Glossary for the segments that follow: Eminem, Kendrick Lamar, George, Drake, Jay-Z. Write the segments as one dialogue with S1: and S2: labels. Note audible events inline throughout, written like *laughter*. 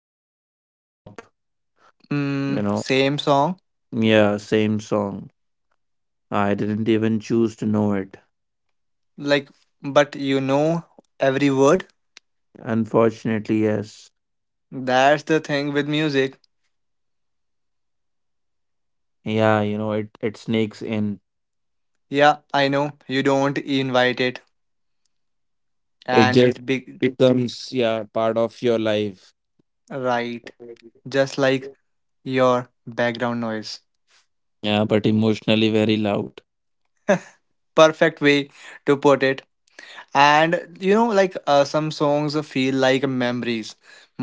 S1: ringtone, every shop, you know,
S2: Same song.
S1: yeah, same song. I didn't even choose to know it.
S2: Like, but you know every word?
S1: Unfortunately, yes.
S2: That's the thing with music.
S1: Yeah, you know, it sneaks in.
S2: Yeah, I know, you don't invite it, and
S1: It
S2: it
S1: just
S2: big.
S1: becomes, yeah, part of your life.
S2: Right, just like your background noise.
S1: Yeah, but emotionally very loud.
S2: Perfect way to put it. And some songs feel like memories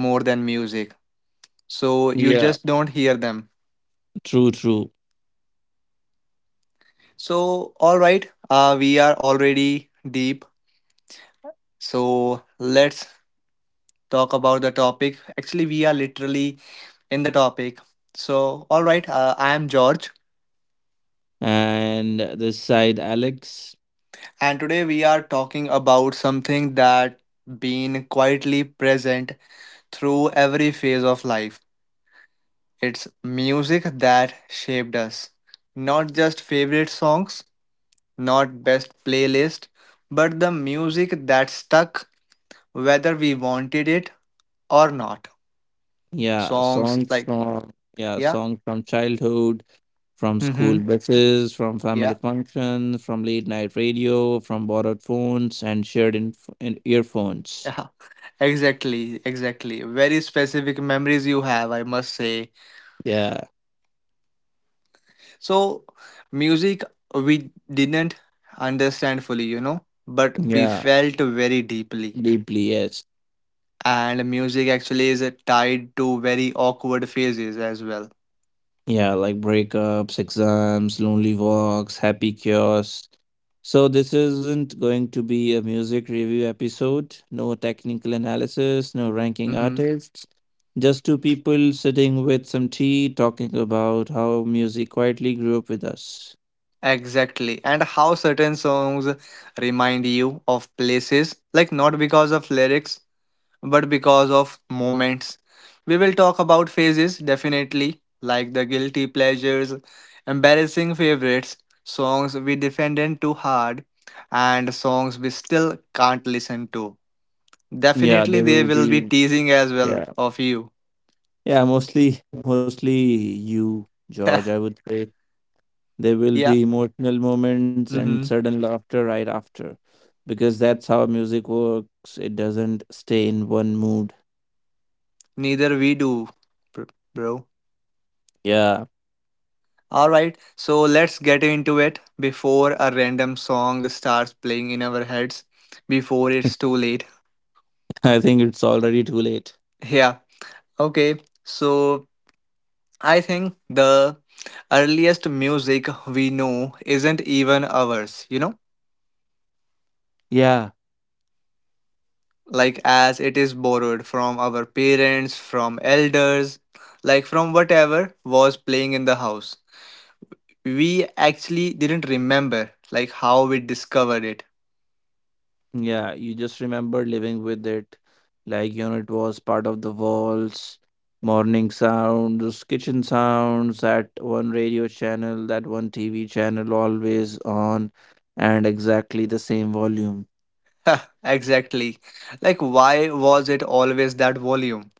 S2: more than music, so you just
S1: Yeah.
S2: don't hear them.
S1: True, true.
S2: So all right we are already deep, so let's talk about the topic. Actually, we are literally in the topic. So all right I am George,
S1: And this side, Alex.
S2: and today we are talking about something that been quietly present through every phase of life. It's music that shaped us. Not just favorite songs, not best playlist, but the music that stuck, whether we wanted it or not.
S1: Yeah,
S2: Songs
S1: songs
S2: like,
S1: from yeah,
S2: yeah,
S1: songs from childhood, from
S2: mm-hmm,
S1: school buses, from family
S2: yeah,
S1: functions, from late night radio, from borrowed phones and shared in earphones.
S2: yeah, *laughs* exactly, exactly. Very specific memories you have, I must say.
S1: Yeah,
S2: So, music we didn't understand fully, you know, but we
S1: yeah,
S2: felt very deeply.
S1: deeply yes.
S2: And music actually is tied to very awkward phases as well.
S1: Yeah, like breakups, exams, lonely walks, happy chaos. So, this isn't going to be a music review episode. No technical analysis, no ranking
S2: Hmm.
S1: artists. Just two people sitting with some tea talking about how music quietly grew up with us.
S2: Exactly, and how certain songs remind you of places, like not because of lyrics, but because of moments. We will talk about phases definitely, like the guilty pleasures, embarrassing favorites, songs we defended too hard, and songs we still can't listen to.
S1: Yeah,
S2: Definitely,
S1: they
S2: they
S1: will
S2: will be
S1: be.
S2: teasing as well
S1: Yeah.
S2: of you.
S1: Yeah, mostly you, George, I would
S2: *laughs*
S1: say. There will
S2: yeah.
S1: be emotional moments and
S2: Mm-hmm.
S1: sudden laughter right after because that's how music works. It doesn't stay in one mood.
S2: Neither we do, br- bro.
S1: Yeah,
S2: Alright, so let's get into it before a random song starts playing in our heads, before it's too
S1: *laughs*
S2: late.
S1: I think it's already too late.
S2: Yeah, okay, so I think the earliest music we know isn't even ours, you know,
S1: Yeah,
S2: like as it is borrowed from our parents, from elders, like from whatever was playing in the house. We actually didn't remember like how we discovered it.
S1: yeah, you just remember living with it. Like, you know, it was part of the walls, morning sounds, kitchen sounds, that one radio channel, that one TV channel always on, and exactly the same volume.
S2: *laughs* exactly. Like, why was it always that volume?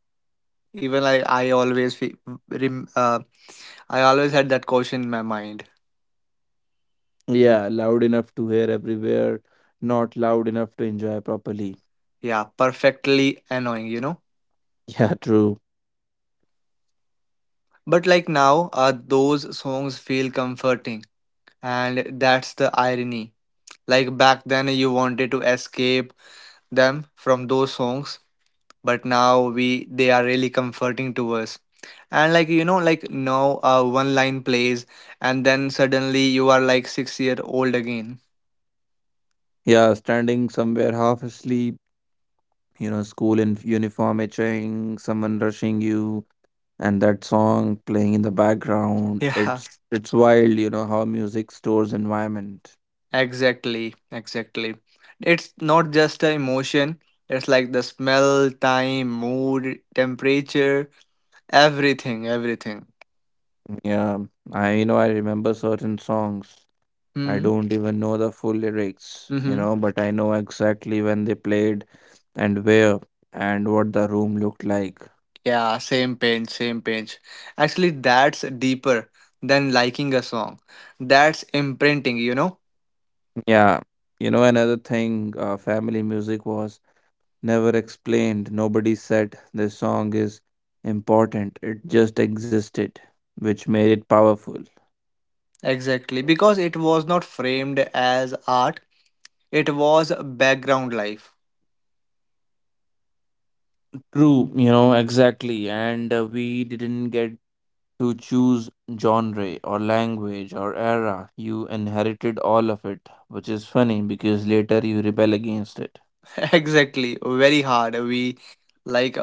S2: Even like I always, fe- rem- I always had that question in my mind.
S1: Yeah, loud enough to hear everywhere, not loud enough to enjoy properly. *laughs*
S2: Yeah, perfectly annoying, you know.
S1: Yeah, true.
S2: But like now, those songs feel comforting, and that's the irony. Like back then, you wanted to escape them from those songs, but now we they are really comforting to us. And like you know like now one line plays, and then suddenly you are like six year old again.
S1: Yeah, standing somewhere half asleep, you know, school in uniform itching, someone rushing you, and that song playing in the
S2: *laughs*
S1: background.
S2: yeah,
S1: It's wild, you know, how music stores environment.
S2: exactly, exactly. It's not just an emotion, it's like the smell, time, mood, temperature, everything, everything.
S1: Yeah, I you know I remember certain songs. I
S2: Hmm.
S1: don't even know the full lyrics, you
S2: Mm-hmm.
S1: know, but I know exactly when they played and where and what the room looked like.
S2: Yeah, same page. Actually, that's deeper than liking a song. That's imprinting, you know.
S1: Yeah, you know, another thing, family music was never explained. Nobody said this song is important. It just existed, which made it powerful.
S2: Exactly, because it was not framed as art, it was background life.
S1: True, you know, exactly. And we didn't get to choose genre or language or era. You inherited all of it, which is funny because later you rebel against it.
S2: *laughs* exactly, very hard. We like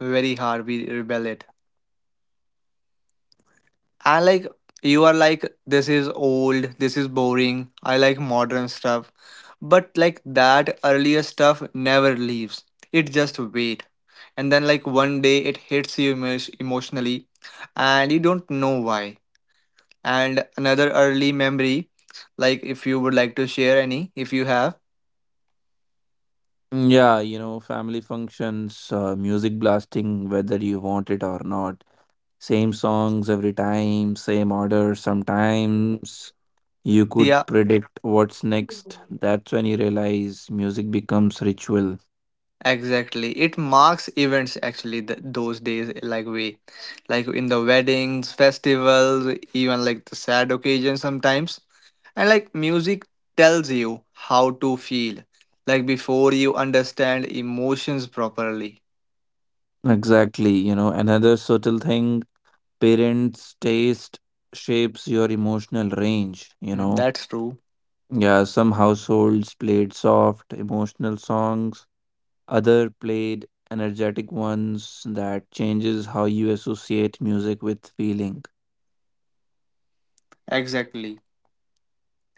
S2: very hard, we rebel it. I like you are like, this is old, this is boring, I like modern stuff. But like that earlier stuff never leaves, it just wait. And then, like, one day it hits you emotionally, and you don't know why. And another early memory, like if you would like to share any, if you have.
S1: Mm. Yeah, you know, family functions, music blasting, whether you want it or not. Same songs every time, same order. Sometimes you could
S2: Yeah,
S1: predict what's next. That's when you realize music becomes ritual.
S2: exactly, it marks events actually those days, like we like in the weddings, festivals, even like the sad occasions sometimes. And like music tells you how to feel, like before you understand emotions properly.
S1: Exactly. You know, another subtle thing, parents' taste shapes your emotional range, you
S2: Hmm,
S1: know.
S2: that's true.
S1: Yeah, some households played soft, emotional songs, other played energetic ones. That changes how you associate music with feeling.
S2: Exactly.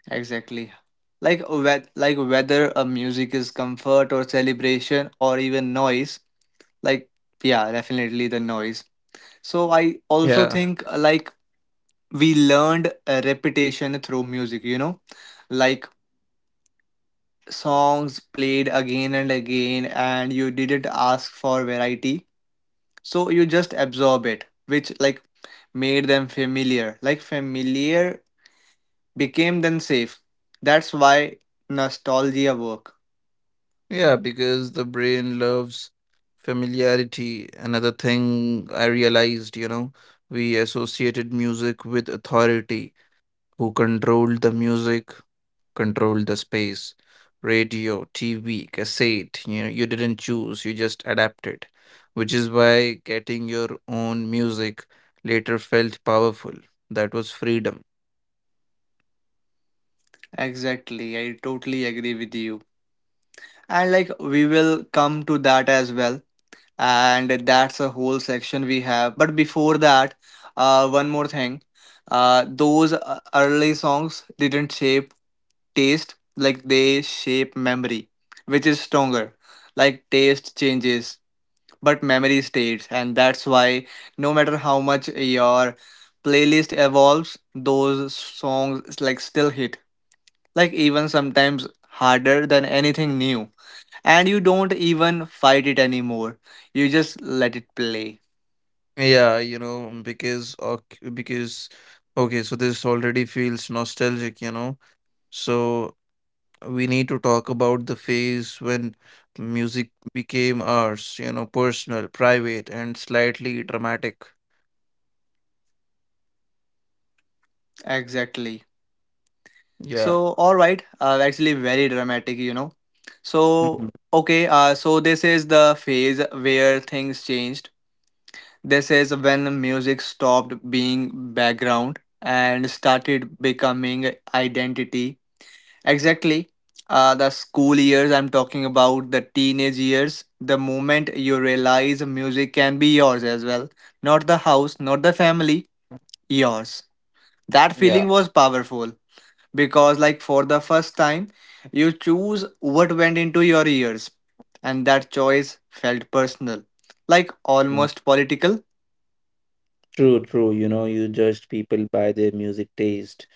S2: Exactly. Like whether a music is comfort or celebration or even noise, like yeah, definitely the noise. So I also
S1: Yeah.
S2: think like we learned a repetition through music, you know? Like songs played again and again, and you didn't ask for variety. So you just absorb it, which like made them familiar. Like familiar became then safe. That's why nostalgia work.
S1: Yeah, because the brain loves familiarity. Another thing I realized, you know, we associated music with authority, who controlled the music, controlled the space. Radio, TV, cassette, you know, you didn't choose, you just adapted, which is why getting your own music later felt powerful. That was freedom.
S2: Exactly, I totally agree with you. And like we will come to that as well. And that's a whole section we have. But before that, one more thing. Those early songs didn't shape taste, like they shape memory, which is stronger. Like taste changes, but memory stays. And that's why no matter how much your playlist evolves, those songs like still hit, like even sometimes harder than anything new. And you don't even fight it anymore. You just let it play.
S1: Yeah, you know, because, okay, so this already feels nostalgic, you know. So we need to talk about the phase when music became ours, you know, personal, private, and slightly dramatic.
S2: Exactly.
S1: Yeah.
S2: So, all right. Actually, very dramatic, you know. So,
S1: Mhm.
S2: okay. So this is the phase where things changed. This is when music stopped being background and started becoming identity. Exactly. The school years I'm talking about, the teenage years, the moment you realize music can be yours as well. Not the house, not the family, yours. That
S1: Yeah.
S2: feeling was powerful because, like, for the first time, you choose what went into your ears, and that choice felt personal, like
S1: Mm.
S2: almost political.
S1: True, true. You know, you judged people by their music taste.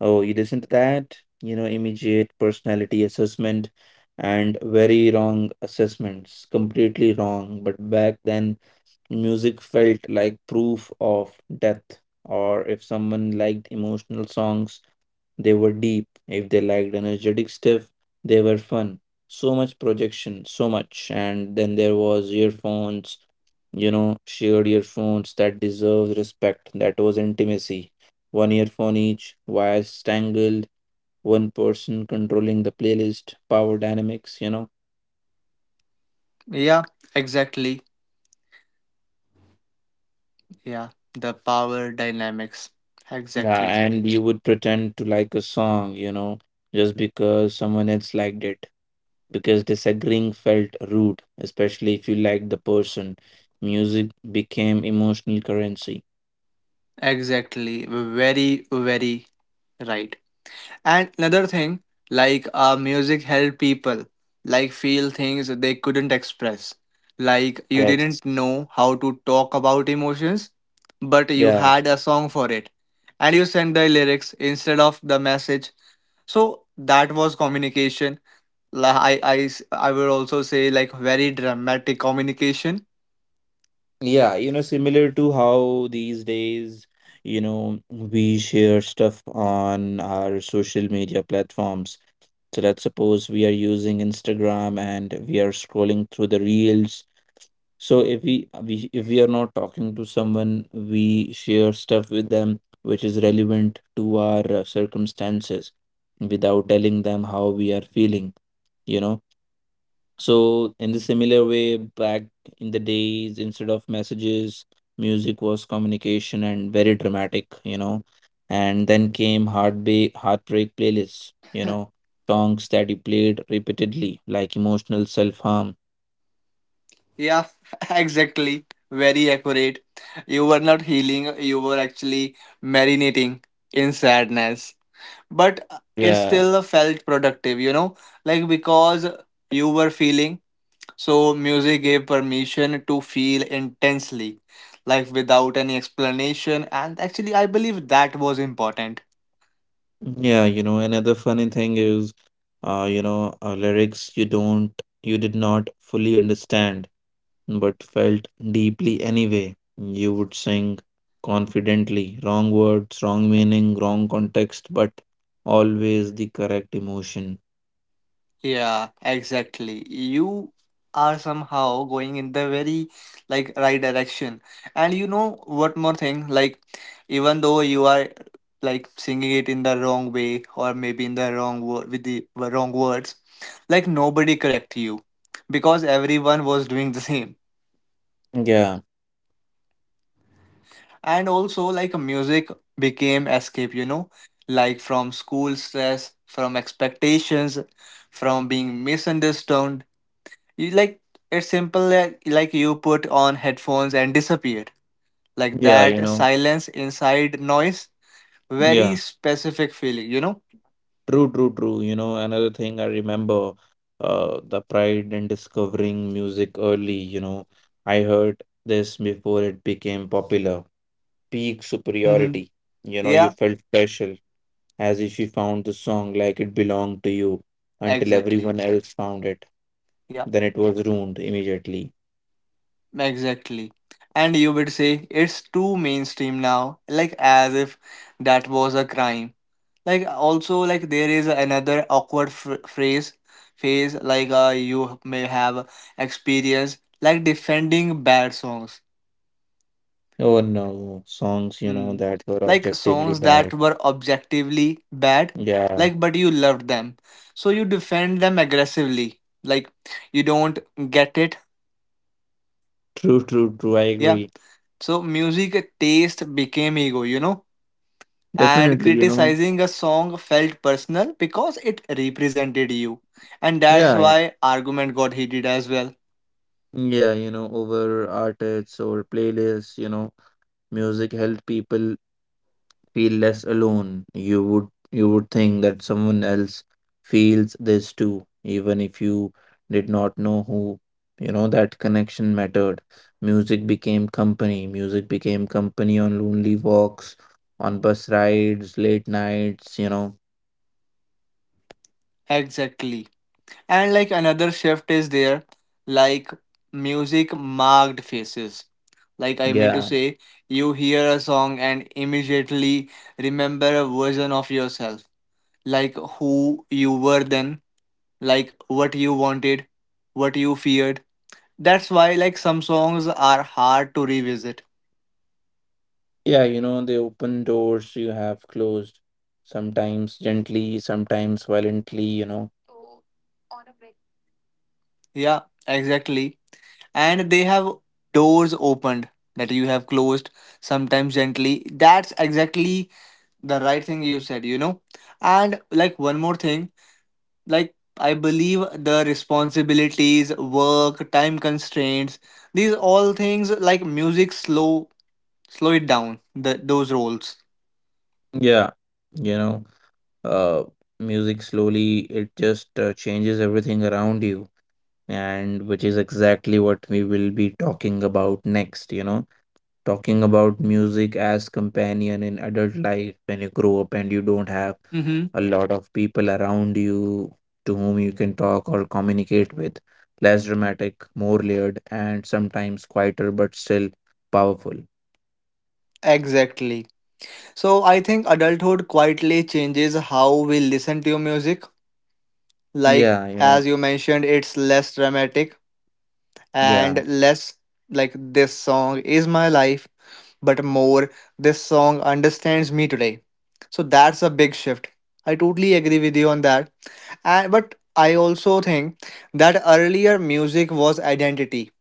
S1: Oh, you listen to that? You know, immediate personality assessment and very wrong assessments. Completely wrong. But back then, music felt like proof of death. Or if someone liked emotional songs, they were deep. If they liked energetic stuff, they were fun. So much projection, so much. And then there was earphones, you know, shared earphones that deserves respect. That was intimacy. One earphone each, wires tangled, one person controlling the playlist, power dynamics, you know.
S2: Yeah, exactly. Yeah, the power dynamics.
S1: Yeah,
S2: Exactly.
S1: and you would pretend to like a song, you know, just because someone else liked it because disagreeing felt rude, especially if you liked the person. Music became emotional currency.
S2: Exactly. Very, very right. And another thing, music helped people like feel things they couldn't express. Like you
S1: Yes.
S2: didn't know how to talk about emotions, but you
S1: Yeah.
S2: had a song for it. And you sent the lyrics instead of the message. So that was communication. I would also say like very dramatic communication.
S1: Yeah. You know, similar to how these days, you know, we share stuff on our social media platforms. So let's suppose we are using Instagram and we are scrolling through the reels. So if we are not talking to someone, we share stuff with them which is relevant to our circumstances without telling them how we are feeling, you know. So in the similar way, back in the days, instead of messages, music was communication and very dramatic, you know. And then came heartbreak playlists, you know, songs that you played repeatedly, like emotional self-harm.
S2: Yeah, *laughs* exactly. Very accurate. You were not healing, you were actually marinating in sadness. But it
S1: Yeah.
S2: still felt productive, you know, like because you were feeling. So, music gave permission to feel intensely, like without any explanation. And actually, I believe that was important.
S1: Yeah, you know, another funny thing is, you know, lyrics you did not fully understand, but felt deeply anyway. You would sing confidently, wrong words, wrong meaning, wrong context, but always the correct emotion.
S2: Yeah, exactly. You are somehow going in the very like right direction. And you know what more thing, like even though you are like singing it in the wrong way or maybe in the wrong word with the wrong words, like nobody correct you, because everyone was doing the same.
S1: Yeah,
S2: And also like music became escape, you know, like from school stress, from expectations, from being misunderstood. You like it's simple like you put on headphones and disappear. Like
S1: yeah, you
S2: that
S1: know,
S2: silence inside noise, very
S1: yeah,
S2: specific feeling, you know?
S1: true. You know, another thing I remember, the pride in discovering music early, you know, I heard this before it became popular, peak
S2: Mm-hmm.
S1: superiority. You know, you
S2: Yeah,
S1: felt special, as if you found the song like it belonged to you until
S2: exactly.
S1: everyone else found it.
S2: Yeah,
S1: Then it was ruined immediately.
S2: exactly. And you would say it's too mainstream now, like as if that was a crime. Like also like there is another awkward phrase phase, like you may have experienced like defending bad songs.
S1: Oh no, songs, you know,
S2: Hmm.
S1: that were
S2: Like
S1: objectively
S2: songs that
S1: bad.
S2: were objectively bad,
S1: Yeah,
S2: like but you loved them. So you defend them aggressively. Like you don't get it.
S1: true. I
S2: Yeah.
S1: agree.
S2: So music taste became ego, you know? And
S1: Definitely, you know.
S2: criticizing a song felt personal because it represented you. And that's
S1: Yeah, yeah.
S2: why argument got heated as well.
S1: Yeah, you know, over artists or playlists, you know, music helped people feel less alone. You would think that someone else feels this too, even if you did not know who. You know that connection mattered. Music became company. Music became company on lonely walks, on bus rides, late nights, you know.
S2: Exactly. And like another shift is there, like music marked faces. Like I mean to
S1: Yeah.
S2: say, you hear a song and immediately remember a version of yourself. Like who you were then, like what you wanted, what you feared. That's why like some songs are hard to revisit.
S1: Yeah, you know, they open doors you have closed, sometimes gently, sometimes violently, you know.
S2: Yeah, exactly. And they have doors opened that you have closed, sometimes gently. That's exactly the right thing you said, you know. And like one more thing, like I believe the responsibilities, work, time constraints, these all things like music slow it down the, those roles.
S1: Yeah, you know. uh, music slowly it just changes everything around you, and which is exactly what we will be talking about next, you know, talking about music as companion in adult life, when you grow up and you don't have
S2: Mm-hmm.
S1: a lot of people around you to whom you can talk or communicate with. Less dramatic, more layered, and sometimes quieter but still powerful.
S2: Exactly, so I think adulthood quietly changes how we listen to music, like
S1: Yeah, you know.
S2: as you mentioned, it's less dramatic
S1: Yeah.
S2: and less like this song is my life, but more this song understands me today. So that's a big shift. I totally agree with you on that. And but I also think that earlier music was identity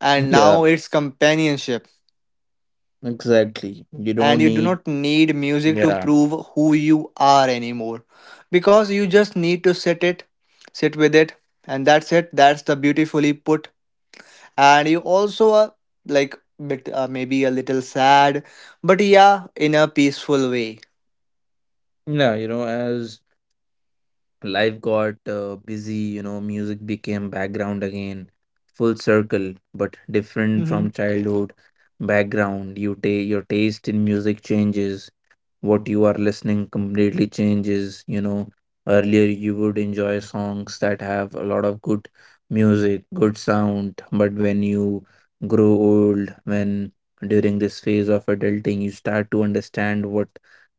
S2: and
S1: Yeah,
S2: now it's companionship.
S1: exactly. You
S2: And
S1: don't
S2: you do
S1: need.
S2: not need music to
S1: Yeah.
S2: prove who you are anymore, because you just need to sit with it, and that's it. That's the beautifully put. And you also are like bit maybe a little sad, but yeah, in a peaceful way.
S1: Yeah, you know, as life got busy, you know, music became background again, full circle, but different from
S2: Hmm.
S1: childhood background. You your taste in music changes, what you are listening completely changes, you know. Earlier, you would enjoy songs that have a lot of good music, good sound, but when you grow old, when during this phase of adulting, you start to understand what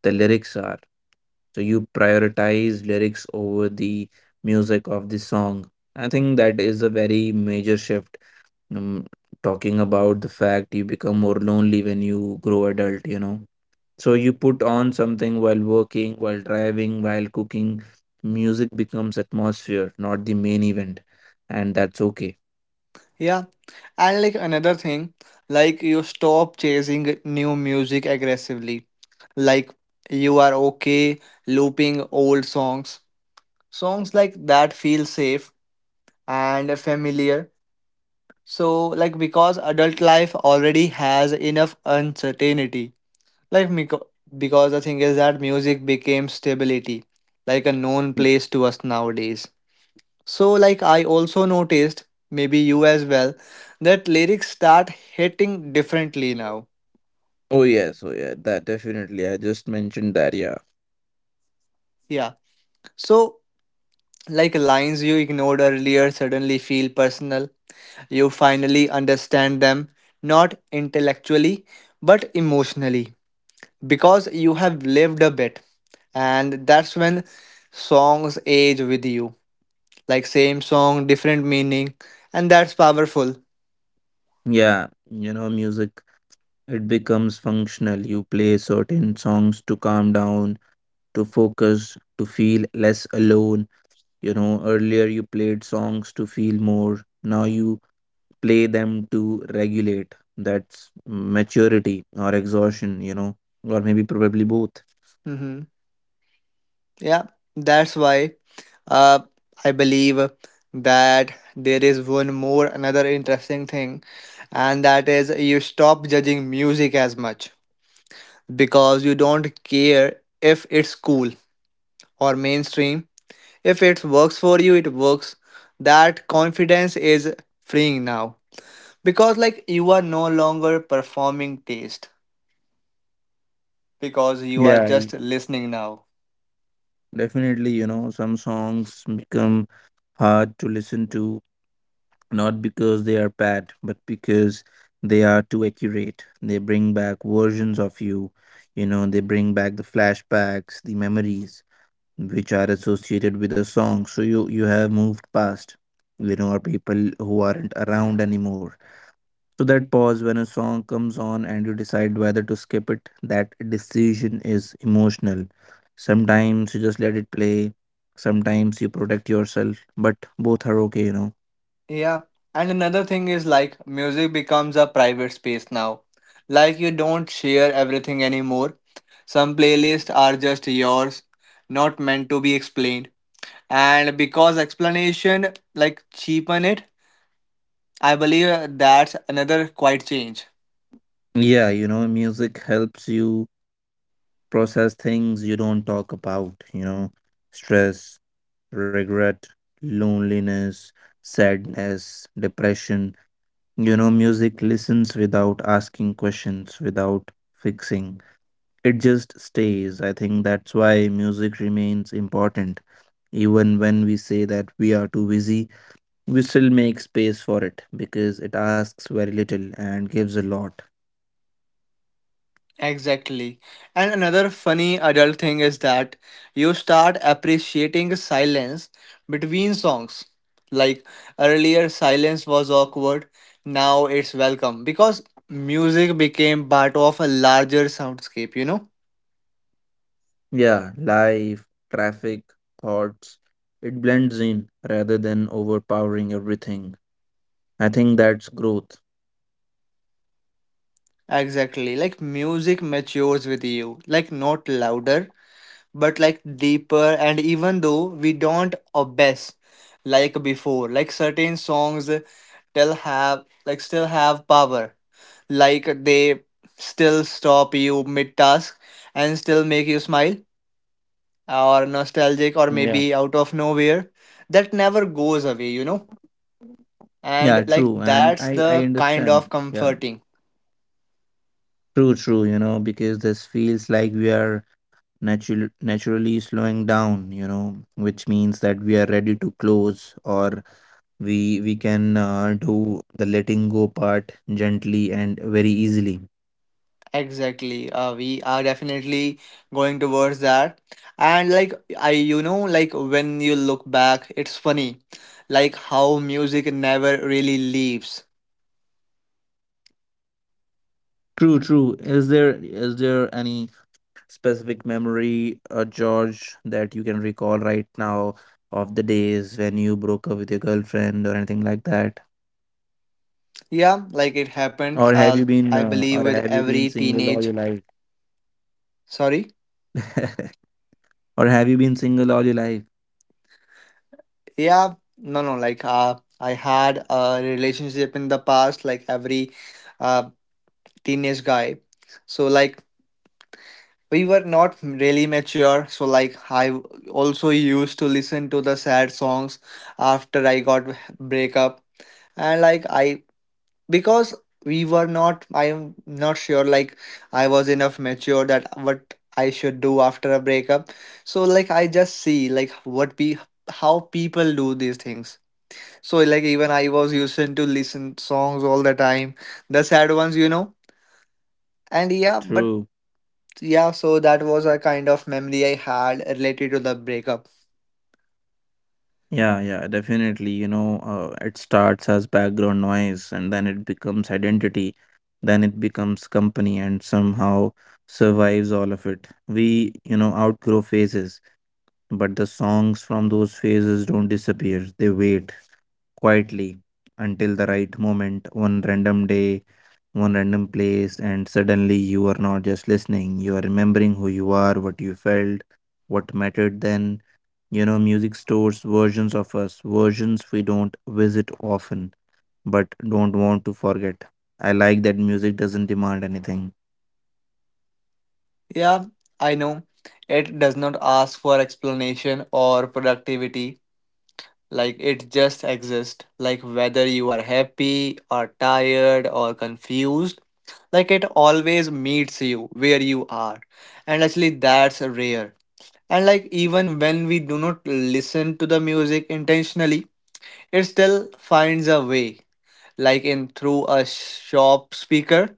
S1: the lyrics are, so you prioritize lyrics over the music of the song. I think that is a very major shift. um, talking about the fact you become more lonely when you grow adult, you know, so you put on something while working, while driving, while cooking. Music becomes atmosphere, not the main event. And that's okay.
S2: Yeah. And like another thing, like you stop chasing new music aggressively. Like you are okay looping old songs, songs like that feel safe and familiar. So like because adult life already has enough uncertainty. Like meco- because the thing is that music became stability, like a known place to us nowadays. So like I also noticed, maybe you as well, that lyrics start hitting differently now.
S1: Oh yes, oh yeah, that definitely. I just mentioned that, yeah.
S2: Yeah. So like lines you ignored earlier suddenly feel personal. You finally understand them, not intellectually, but emotionally. Because you have lived a bit. And that's when songs age with you, like same song, different meaning, and that's powerful.
S1: Yeah, you know, music, it becomes functional. You play certain songs to calm down, to focus, to feel less alone. You know, earlier you played songs to feel more. Now you play them to regulate. That's maturity or exhaustion, you know, or maybe probably both.
S2: Hmm. Yeah. That's why, uh, I believe that there is one more another interesting thing, and that is you stop judging music as much, because you don't care if it's cool or mainstream. If it works for you, it works. That confidence is freeing now, because like you are no longer performing taste, because you are
S1: Yeah, y-
S2: just listening now.
S1: definitely, you know, some songs become hard to listen to, not because they are bad, but because they are too accurate. They bring back versions of you, you know, they bring back the flashbacks, the memories which are associated with a song, so you have moved past, you know, or people who aren't around anymore. So that pause when a song comes on and you decide whether to skip it, that decision is emotional. Sometimes you just let it play, sometimes you protect yourself, but both are okay, you know.
S2: Yeah, and another thing is like music becomes a private space now. Like you don't share everything anymore. Some playlists are just yours, not meant to be explained. And because explanation like cheapen it, I believe that's another quite change.
S1: Yeah, you know, music helps you process things you don't talk about, you know, stress, regret, loneliness, sadness, depression. You know, music listens without asking questions, without fixing. It just stays. I think that's why music remains important. Even when we say that we are too busy, we still make space for it because it asks very little and gives a lot.
S2: Exactly. And another funny adult thing is that you start appreciating silence between songs. Like earlier, silence was awkward, now it's welcome, because music became part of a larger soundscape, you know?
S1: Yeah, life, traffic, thoughts, it blends in rather than overpowering everything. I think that's growth.
S2: Exactly. Like music matures with you. Like not louder, but like deeper. And even though we don't obsess like before, like certain songs still have like still have power. Like they still stop you mid task and still make you smile or nostalgic
S1: Yeah.
S2: or maybe out of nowhere. That never goes away, you know.
S1: Yeah,
S2: And like
S1: true. And
S2: that's
S1: I
S2: the kind
S1: understand.
S2: of
S1: Yeah.
S2: comforting.
S1: True, true, you know, because this feels like we are naturally slowing down, you know, which means that we are ready to close, or we can do the letting go part gently and very easily.
S2: Exactly, we are definitely going towards that. And like I, you know, like when you look back, it's funny like how music never really leaves.
S1: True, true. Is there any specific memory, George, that you can recall right now of the days when you broke up with your girlfriend or anything like that?
S2: Yeah, like it
S1: Or have you
S2: happened,
S1: been or
S2: I
S1: have you
S2: believe
S1: been
S2: with
S1: single
S2: every
S1: all your life?
S2: teenage, sorry.
S1: *laughs* Or have you been single all your life?
S2: Yeah, no, no. Like, I had a relationship in the past, like every uh, teenage guy. So, like, we were not really mature. So, like, I also used to listen to the sad songs after I got breakup, and like, I because we were not. I am not sure. Like, I was enough mature that what I should do after a breakup. So, like, I just see like what pe how people do these things. So like even I was used to listen songs all the time, the sad ones, you know. And yeah, but
S1: True.
S2: yeah, so that was a kind of memory I had related to the breakup.
S1: Yeah, yeah, definitely. You know, it starts as background noise and then it becomes identity, then it becomes company, and somehow survives all of it. We, you know, outgrow phases, but the songs from those phases don't disappear. They wait quietly until the right moment, one random day, one random place, and suddenly you are not just listening, you are remembering who you are, what you felt, what mattered then. You know, music stores versions of us, versions we don't visit often but don't want to forget. I like that music doesn't demand anything.
S2: Yeah, I know it does not ask for explanation or productivity. Like it just exists. Like whether you are happy or tired or confused, like it always meets you where you are. And actually that's rare. And like even when we do not listen to the music intentionally, it still finds a way. Like in through a shop speaker,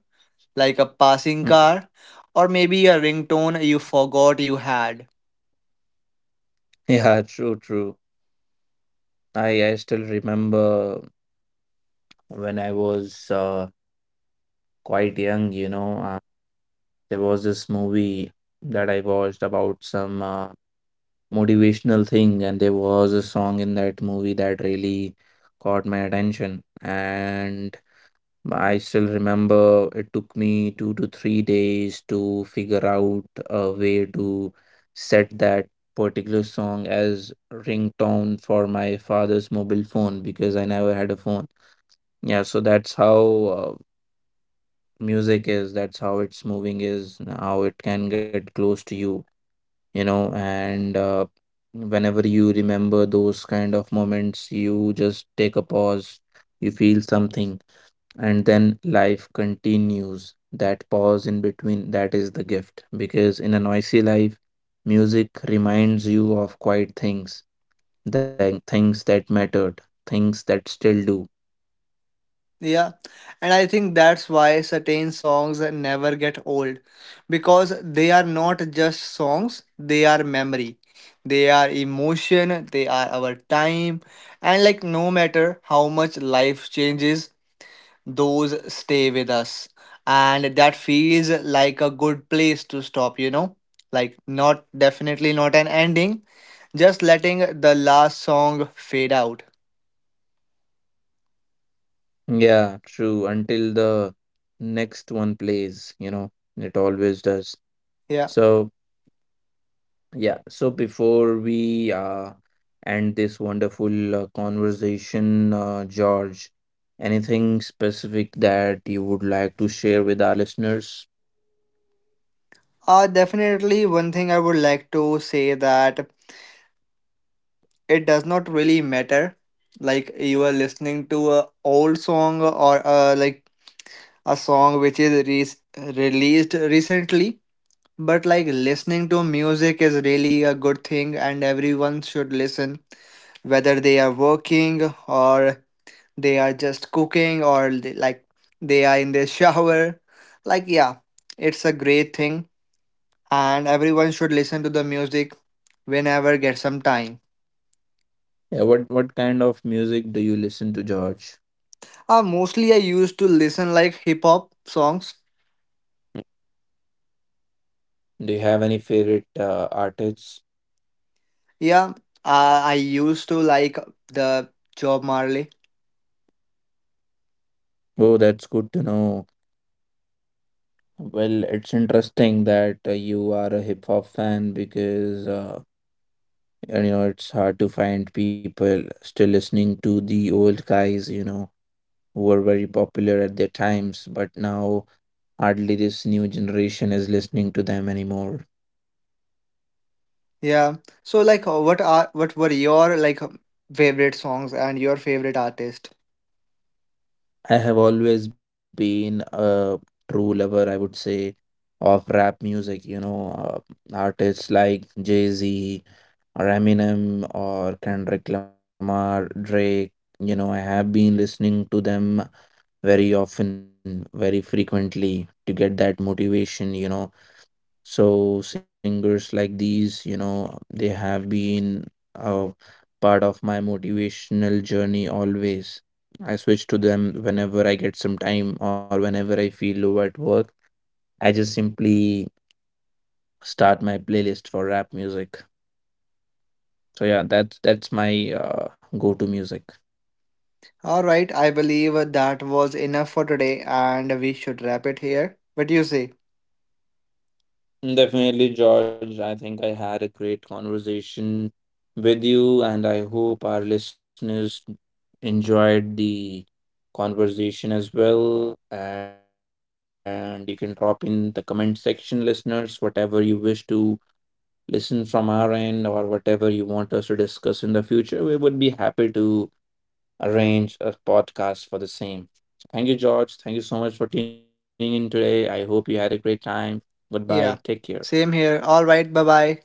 S2: like a
S1: Mm.
S2: passing car, or maybe a ringtone you forgot you had.
S1: Yeah, true, true. I still remember when I was quite young, you know, there was this movie that I watched about some motivational thing, and there was a song in that movie that really caught my attention. And I still remember it took me 2 to 3 days to figure out a way to set that particular song as ringtone for my father's mobile phone because I never had a phone. Yeah, so that's how music is, that's how its moving is, how it can get close to you, you know, and whenever you remember those kind of moments, you just take a pause, you feel something, and then life continues. That pause in between, that is the gift, because in a noisy life music reminds you of quiet things, the things that mattered, things that still do.
S2: Yeah. And I think that's why certain songs never get old. Because they are not just songs, they are memory. They are emotion, they are our time. And like no matter how much life changes, those stay with us. And that feels like a good place to stop, you know? Like, not definitely not an ending, just letting the last song fade out.
S1: Yeah, true. Until the next one plays, you know. It always does.
S2: Yeah.
S1: So. Yeah, so before we end this wonderful conversation, George, anything specific that you would like to share with our listeners?
S2: Definitely one thing I would like to say that it does not really matter. Like you are listening to a old song or like a song which is released recently, but like listening to music is really a good thing, and everyone should listen, whether they are working or they are just cooking, or they, like they are in their *laughs* shower. Like yeah, it's a great thing, and everyone should listen to the music whenever get some time.
S1: Yeah, what kind of music do you listen to, George?
S2: Mostly I used to listen like hip hop songs.
S1: Do you have any favorite artists?
S2: Yeah, I used to like the Job Marley.
S1: Oh, that's good to know. Well, it's interesting that you are a hip hop fan because you know it's hard to find people still listening to the old guys, you know. Who were very popular at their times, but now hardly this new generation is listening to them anymore.
S2: Yeah, so like what were your like favorite songs and your favorite artist.
S1: I have always been a true lover, I would say, of rap music, you know, artists like Jay-Z or Eminem or Kendrick Lamar, Drake. You know, I have been listening to them very often, very frequently to get that motivation, you know. So singers like these, you know, they have been a part of my motivational journey always. I switch to them whenever I get some time or whenever I feel low at work. I just simply start my playlist for rap music. So yeah, that's my go-to music.
S2: All right, I believe that was enough for today, and we should wrap it here. What do you say?
S1: Definitely, George. I think I had a great conversation with you, and I hope our listeners enjoyed the conversation as well. And you can drop in the comment section, listeners, whatever you wish to listen from our end or whatever you want us to discuss in the future. We would be happy to arrange a podcast for the same. Thank you, George. Thank you so much for tuning in today. I hope you had a great time. Goodbye. Take care.
S2: Yeah, same here. All right, bye bye.